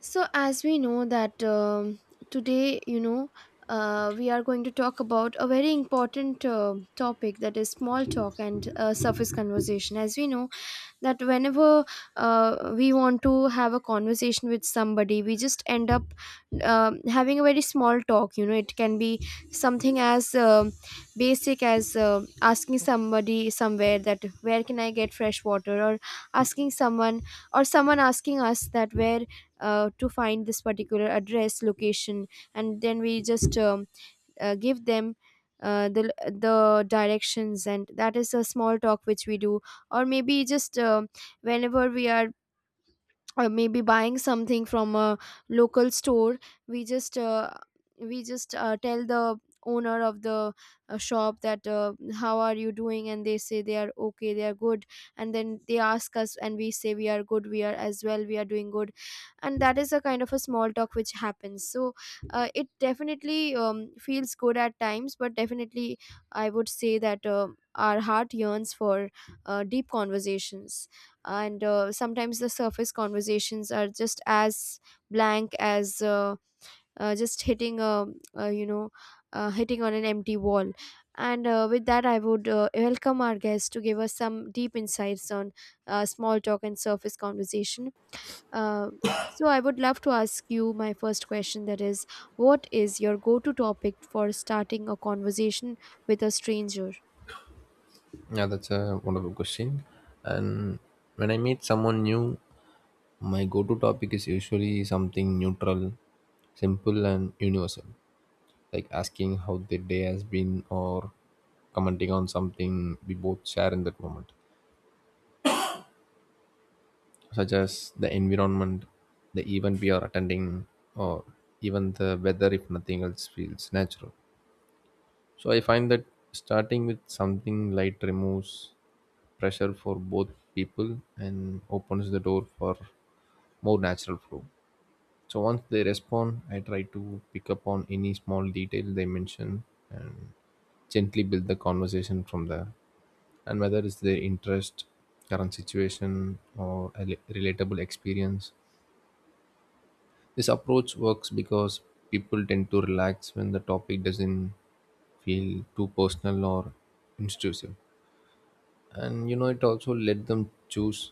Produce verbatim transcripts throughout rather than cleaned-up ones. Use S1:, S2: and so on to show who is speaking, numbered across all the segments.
S1: So, as we know, that um, today, you know, uh, we are going to talk about a very important uh, topic, that is small talk and uh, surface conversation. As we know, that whenever uh, we want to have a conversation with somebody, we just end up um, having a very small talk you know It can be something as um basic as uh, asking somebody somewhere, that where can I get fresh water, or asking someone, or someone asking us that where uh, to find this particular address location, and then we just um, uh, give them uh, the the directions, and that is a small talk which we do. Or maybe just uh, whenever we are, or maybe buying something from a local store, we just uh, we just uh, tell the owner of the uh, shop that, uh, how are you doing, and they say they are okay, they are good, and then they ask us and we say we are good, we are as well, we are doing good. And that is a kind of a small talk which happens. So uh, it definitely um, feels good at times, but definitely I would say that uh, our heart yearns for uh, deep conversations. And uh, sometimes the surface conversations are just as blank as uh, uh, just hitting a uh, you know uh, hitting on an empty wall. And uh, with that, I would uh, welcome our guest to give us some deep insights on uh, small talk and surface conversation. uh, so I would love to ask you my first question, that is, what is your go-to topic for starting a conversation with a stranger?
S2: Yeah, that's a wonderful question. And when I meet someone new, my go to topic is usually something neutral, simple, and universal, like asking how their day has been or commenting on something we both share in that moment, such as the environment, the event we are attending, or even the weather if nothing else feels natural. So I find that starting with something light removes pressure for both people and opens the door for more natural flow. So once they respond, I try to pick up on any small detail they mention and gently build the conversation from there. And whether it's their interest, current situation, or a rel- relatable experience, this approach works because people tend to relax when the topic doesn't feel too personal or intrusive. And you know, it also let them choose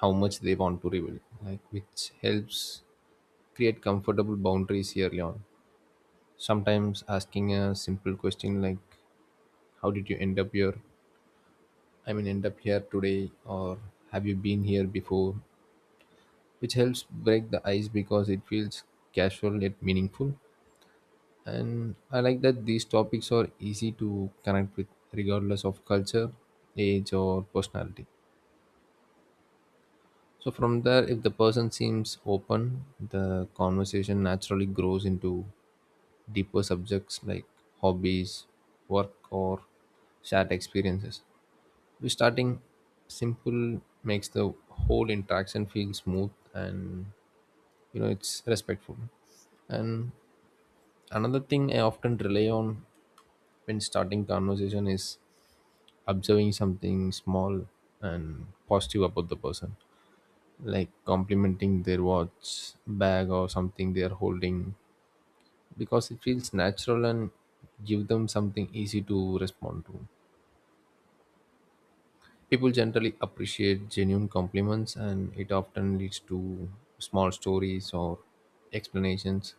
S2: how much they want to reveal, like which helps create comfortable boundaries early on. Sometimes asking a simple question like, how did you end up here? I mean, end up here today, or have you been here before? Which helps break the ice because it feels casual yet meaningful. And I like that these topics are easy to connect with regardless of culture, age, or personality. So, from there, if the person seems open, the conversation naturally grows into deeper subjects like hobbies, work, or shared experiences. We starting simple makes the whole interaction feel smooth and you know it's respectful. And another thing I often rely on when starting conversation is observing something small and positive about the person, like complimenting their watch, bag, or something they are holding, because it feels natural and give them something easy to respond to. People generally appreciate genuine compliments, and it often leads to small stories or explanations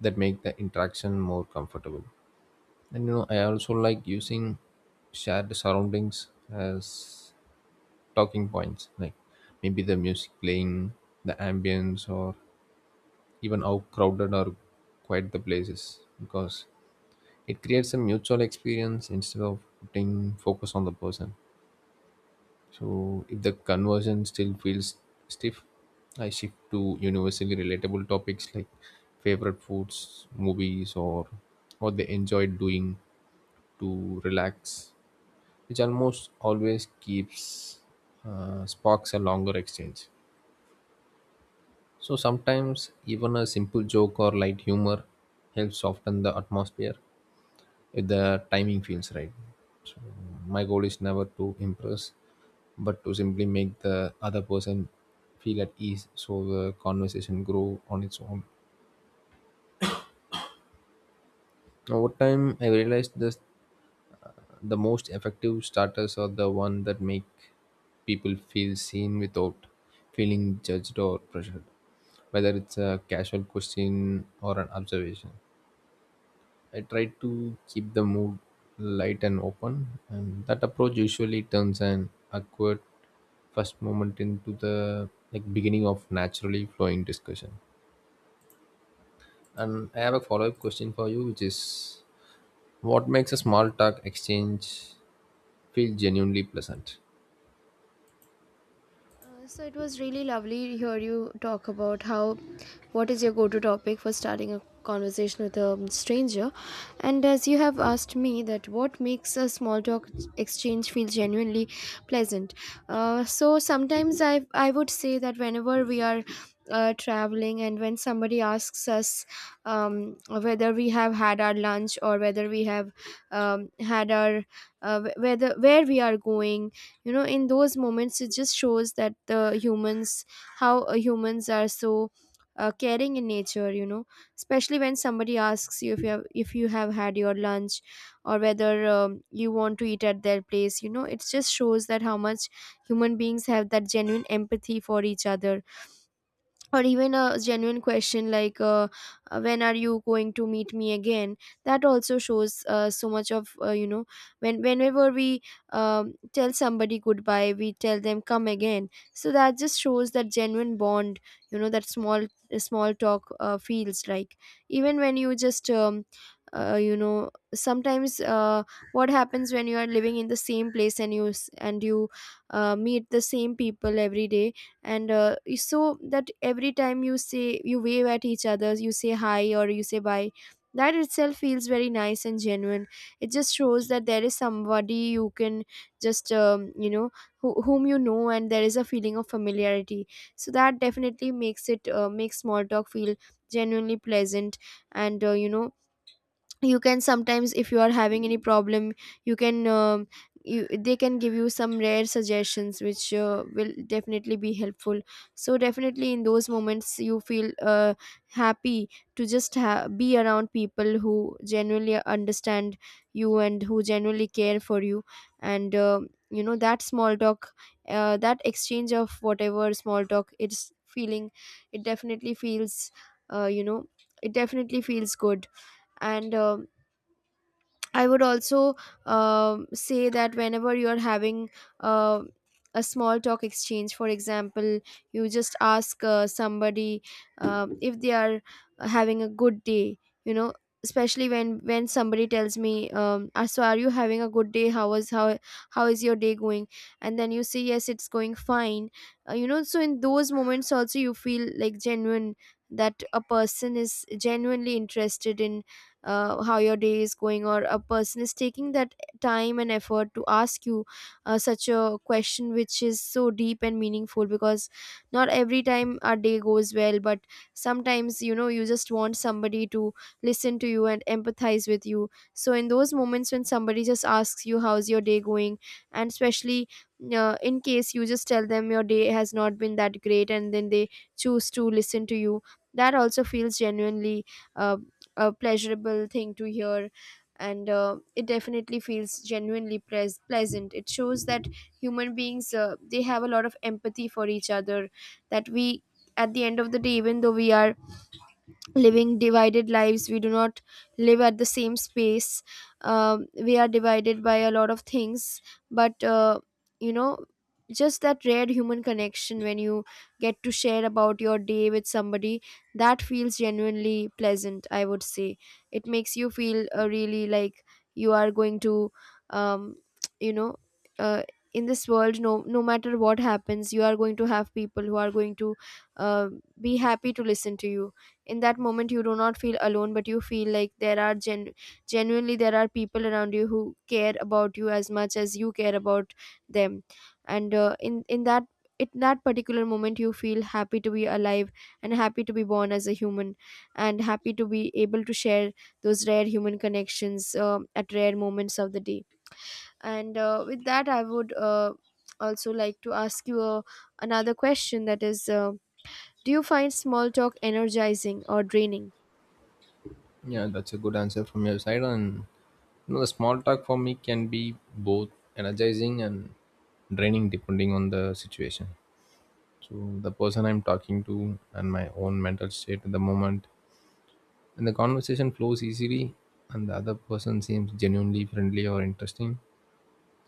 S2: that make the interaction more comfortable. And you know, I also like using shared surroundings as talking points, like maybe the music playing, the ambience, or even how crowded or quiet the place is, because it creates a mutual experience instead of putting focus on the person. So if the conversion still feels stiff, I shift to universally relatable topics like favorite foods, movies, or what they enjoy doing to relax, which almost always keeps uh, sparks a longer exchange. So sometimes even a simple joke or light humor helps soften the atmosphere if the timing feels right. So my goal is never to impress, but to simply make the other person feel at ease so the conversation grow on its own. Over time I realized this the most effective starters are the one that make people feel seen without feeling judged or pressured, whether it's a casual question or an observation. I try to keep the mood light and open, and that approach usually turns an awkward first moment into the like beginning of naturally flowing discussion. And I have a follow-up question for you, which is, what makes a small talk exchange feel genuinely pleasant?
S1: Uh, so it was really lovely to hear you talk about how, what is your go-to topic for starting a conversation with a stranger. And as you have asked me that what makes a small talk exchange feel genuinely pleasant, uh, so sometimes i i would say that whenever we are uh, traveling and when somebody asks us, um, whether we have had our lunch, or whether we have um, had our uh, wh- whether where we are going, you know, in those moments it just shows that the humans, how uh, humans are so uh, caring in nature. You know, especially when somebody asks you if you have, if you have had your lunch, or whether um, you want to eat at their place, you know, it just shows that how much human beings have that genuine empathy for each other. Or even a genuine question like, uh, uh, when are you going to meet me again, that also shows uh, so much of, uh, you know when, whenever we um, tell somebody goodbye, we tell them come again, so that just shows that genuine bond. You know, that small small talk uh, feels like, even when you just um, uh, you know sometimes uh, what happens when you are living in the same place and you s- and you uh, meet the same people every day, and uh, so that every time you say, you wave at each other, you say hi or you say bye, that itself feels very nice and genuine. It just shows that there is somebody you can just um, you know who, whom you know, and there is a feeling of familiarity. So that definitely makes it, uh, makes small talk feel genuinely pleasant. And uh, you know you can sometimes, if you are having any problem, you can um, you, they can give you some rare suggestions which uh, will definitely be helpful. So definitely in those moments you feel uh, happy to just ha- be around people who genuinely understand you and who genuinely care for you. And um you know, that small talk, uh, that exchange of whatever small talk it's feeling, it definitely feels uh, you know it definitely feels good. And um I would also um say that whenever you're having uh, a small talk exchange, for example, you just ask uh, somebody um if they are having a good day, you know, especially when when somebody tells me, um "Ah, so are you having a good day how was how how is your day going?" And then you say, yes, it's going fine. Uh, you know so in those moments also you feel like genuine, that a person is genuinely interested in uh, how your day is going, or a person is taking that time and effort to ask you uh, such a question, which is so deep and meaningful, because not every time our day goes well, but sometimes, you know, you just want somebody to listen to you and empathize with you. So in those moments when somebody just asks you how's your day going, and especially uh, in case you just tell them your day has not been that great, and then they choose to listen to you, that also feels genuinely uh, a pleasurable thing to hear. And uh, it definitely feels genuinely pleas pleasant. It shows that human beings, uh, they have a lot of empathy for each other, that we, at the end of the day, even though we are living divided lives, we do not live at the same space, um, we are divided by a lot of things. But uh, you know just that rare human connection when you get to share about your day with somebody, that feels genuinely pleasant, I would say. It makes you feel uh, really like you are going to um, you know uh, in this world, no, no matter what happens, you are going to have people who are going to uh, be happy to listen to you. In that moment you do not feel alone, but you feel like there are gen- genuinely, there are people around you who care about you as much as you care about them. And uh, in in that in that particular moment you feel happy to be alive, and happy to be born as a human, and happy to be able to share those rare human connections um at rare moments of the day. And uh, with that I would uh, also like to ask you uh, another question, that is, uh, do you find small talk energizing or draining?
S2: Yeah, that's a good answer from your side. And you know, the small talk for me can be both energizing and draining, depending on the situation. To the person I'm talking to and my own mental state at the moment. And the conversation flows easily, and the other person seems genuinely friendly or interesting.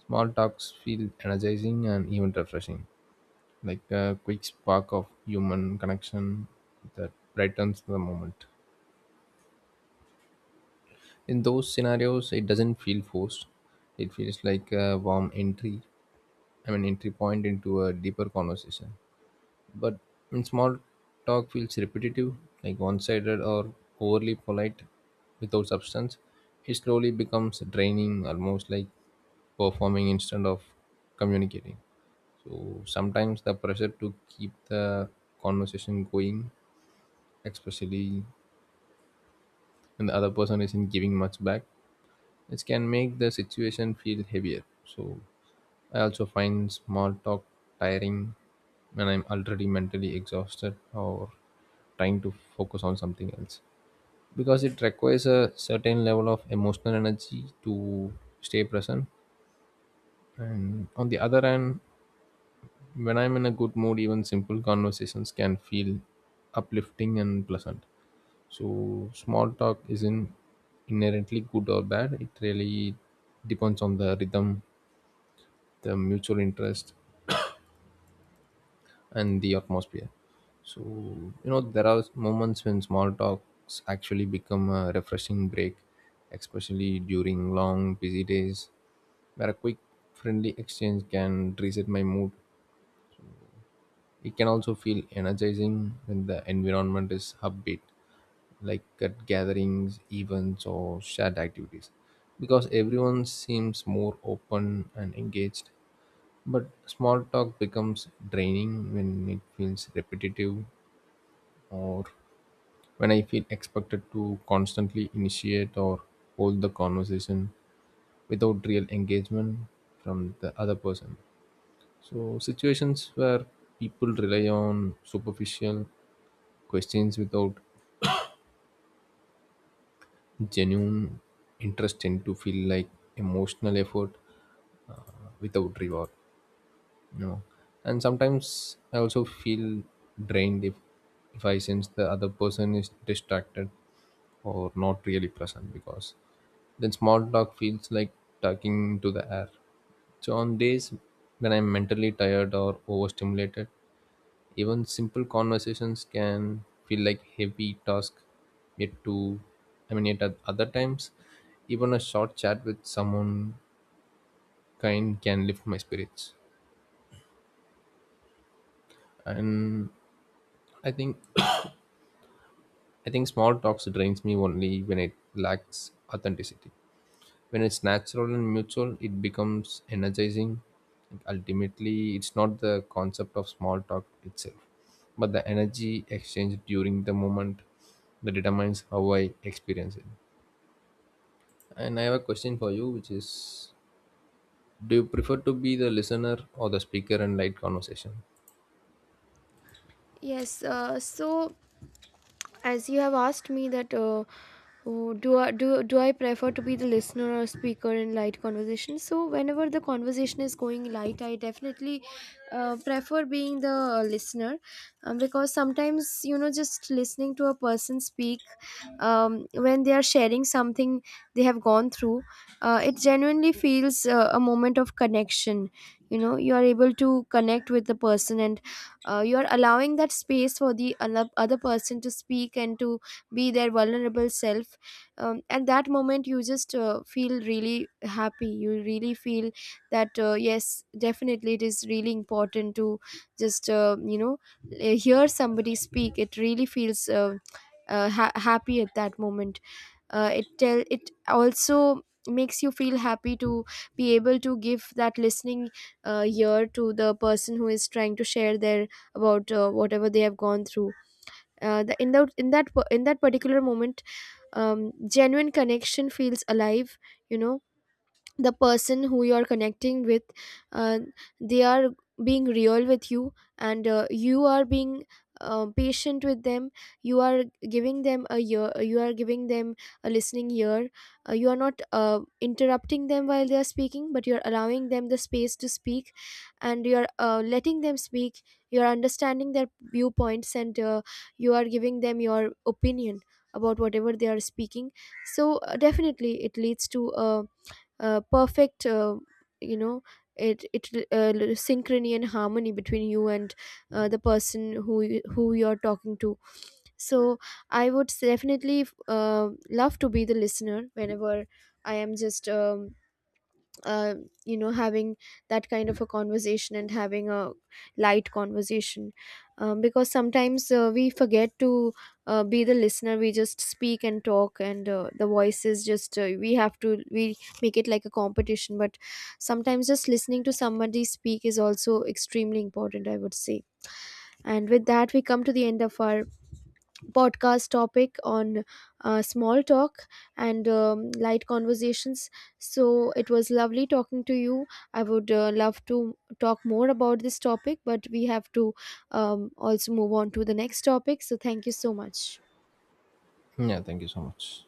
S2: Small talks feel energizing and even refreshing, like a quick spark of human connection that brightens the moment. In those scenarios, it doesn't feel forced. It feels like a warm entry, I mean, entry point into a deeper conversation. But when small talk feels repetitive, like one sided or overly polite without substance, it slowly becomes draining, almost like performing instead of communicating. So sometimes the pressure to keep the conversation going, especially when the other person isn't giving much back, it can make the situation feel heavier. So I also find small talk tiring when I'm already mentally exhausted or trying to focus on something else because it requires a certain level of emotional energy to stay present. And on the other hand, when I'm in a good mood, even simple conversations can feel uplifting and pleasant. So, small talk isn't inherently good or bad, it really depends on the rhythm, the mutual interest, and the atmosphere. So, you know, there are moments when small talks actually become a refreshing break, especially during long, busy days, where a quick, friendly exchange can reset my mood. It can also feel energizing when the environment is upbeat, like at gatherings, events, or shared activities, because everyone seems more open and engaged. But small talk becomes draining when it feels repetitive or when I feel expected to constantly initiate or hold the conversation without real engagement from the other person. So, situations where people rely on superficial questions without genuine interest tend to feel like emotional effort without reward. No. And sometimes I also feel drained if if I sense the other person is distracted or not really present because then small talk feels like talking to the air. So on days when I'm mentally tired or overstimulated, even simple conversations can feel like heavy task yet to I mean yet at other times even a short chat with someone kind can lift my spirits. And I think I think small talks drains me only when it lacks authenticity. When it's natural and mutual, it becomes energizing. Ultimately, it's not the concept of small talk itself, but the energy exchanged during the moment that determines how I experience it. And I have a question for you, which is, do you prefer to be the listener or the speaker in light conversation?
S1: Yes, uh, so as you have asked me that, uh, oh, do I do, do I prefer to be the listener or speaker in light conversation? So whenever the conversation is going light, I definitely uh, prefer being the listener, um, because sometimes, you know, just listening to a person speak um, when they are sharing something they have gone through, uh, it genuinely feels uh, a moment of connection. You know, you are able to connect with the person, and uh, you are allowing that space for the ano- other person to speak and to be their vulnerable self. Um, at that moment you just uh, feel really happy, you really feel that uh, yes, definitely it is really important to just uh, you know hear somebody speak. It really feels uh, uh, ha- happy at that moment. Uh, it tell it also makes you feel happy to be able to give that listening uh, ear to the person who is trying to share their about uh, whatever they have gone through. Uh, the, in the in that in that particular moment, um, genuine connection feels alive. You know, the person who you're connecting with, uh, they are being real with you, and uh, you are being uh, patient with them. You are giving them a year, you are giving them a listening ear. Uh, you are not uh, interrupting them while they are speaking, but you're allowing them the space to speak, and you're uh, letting them speak. You're understanding their viewpoints, and uh, you are giving them your opinion about whatever they are speaking. So uh, definitely it leads to um uh, perfect uh, you know it it uh, synchrony and harmony between you and uh, the person who you- who you're talking to. So I would s- definitely uh, love to be the listener whenever I am just um, uh, you know having that kind of a conversation and having a light conversation, um, because sometimes uh, we forget to uh, be the listener. We just speak and talk, and uh, the voice is just uh, we have to, we make it like a competition. But sometimes just listening to somebody speak is also extremely important, I would say. And with that, we come to the end of our podcast topic on uh, small talk and um, light conversations. So it was lovely talking to you. I would uh, love to talk more about this topic, but we have to um, also move on to the next topic. So thank you so much.
S2: Yeah, thank you so much.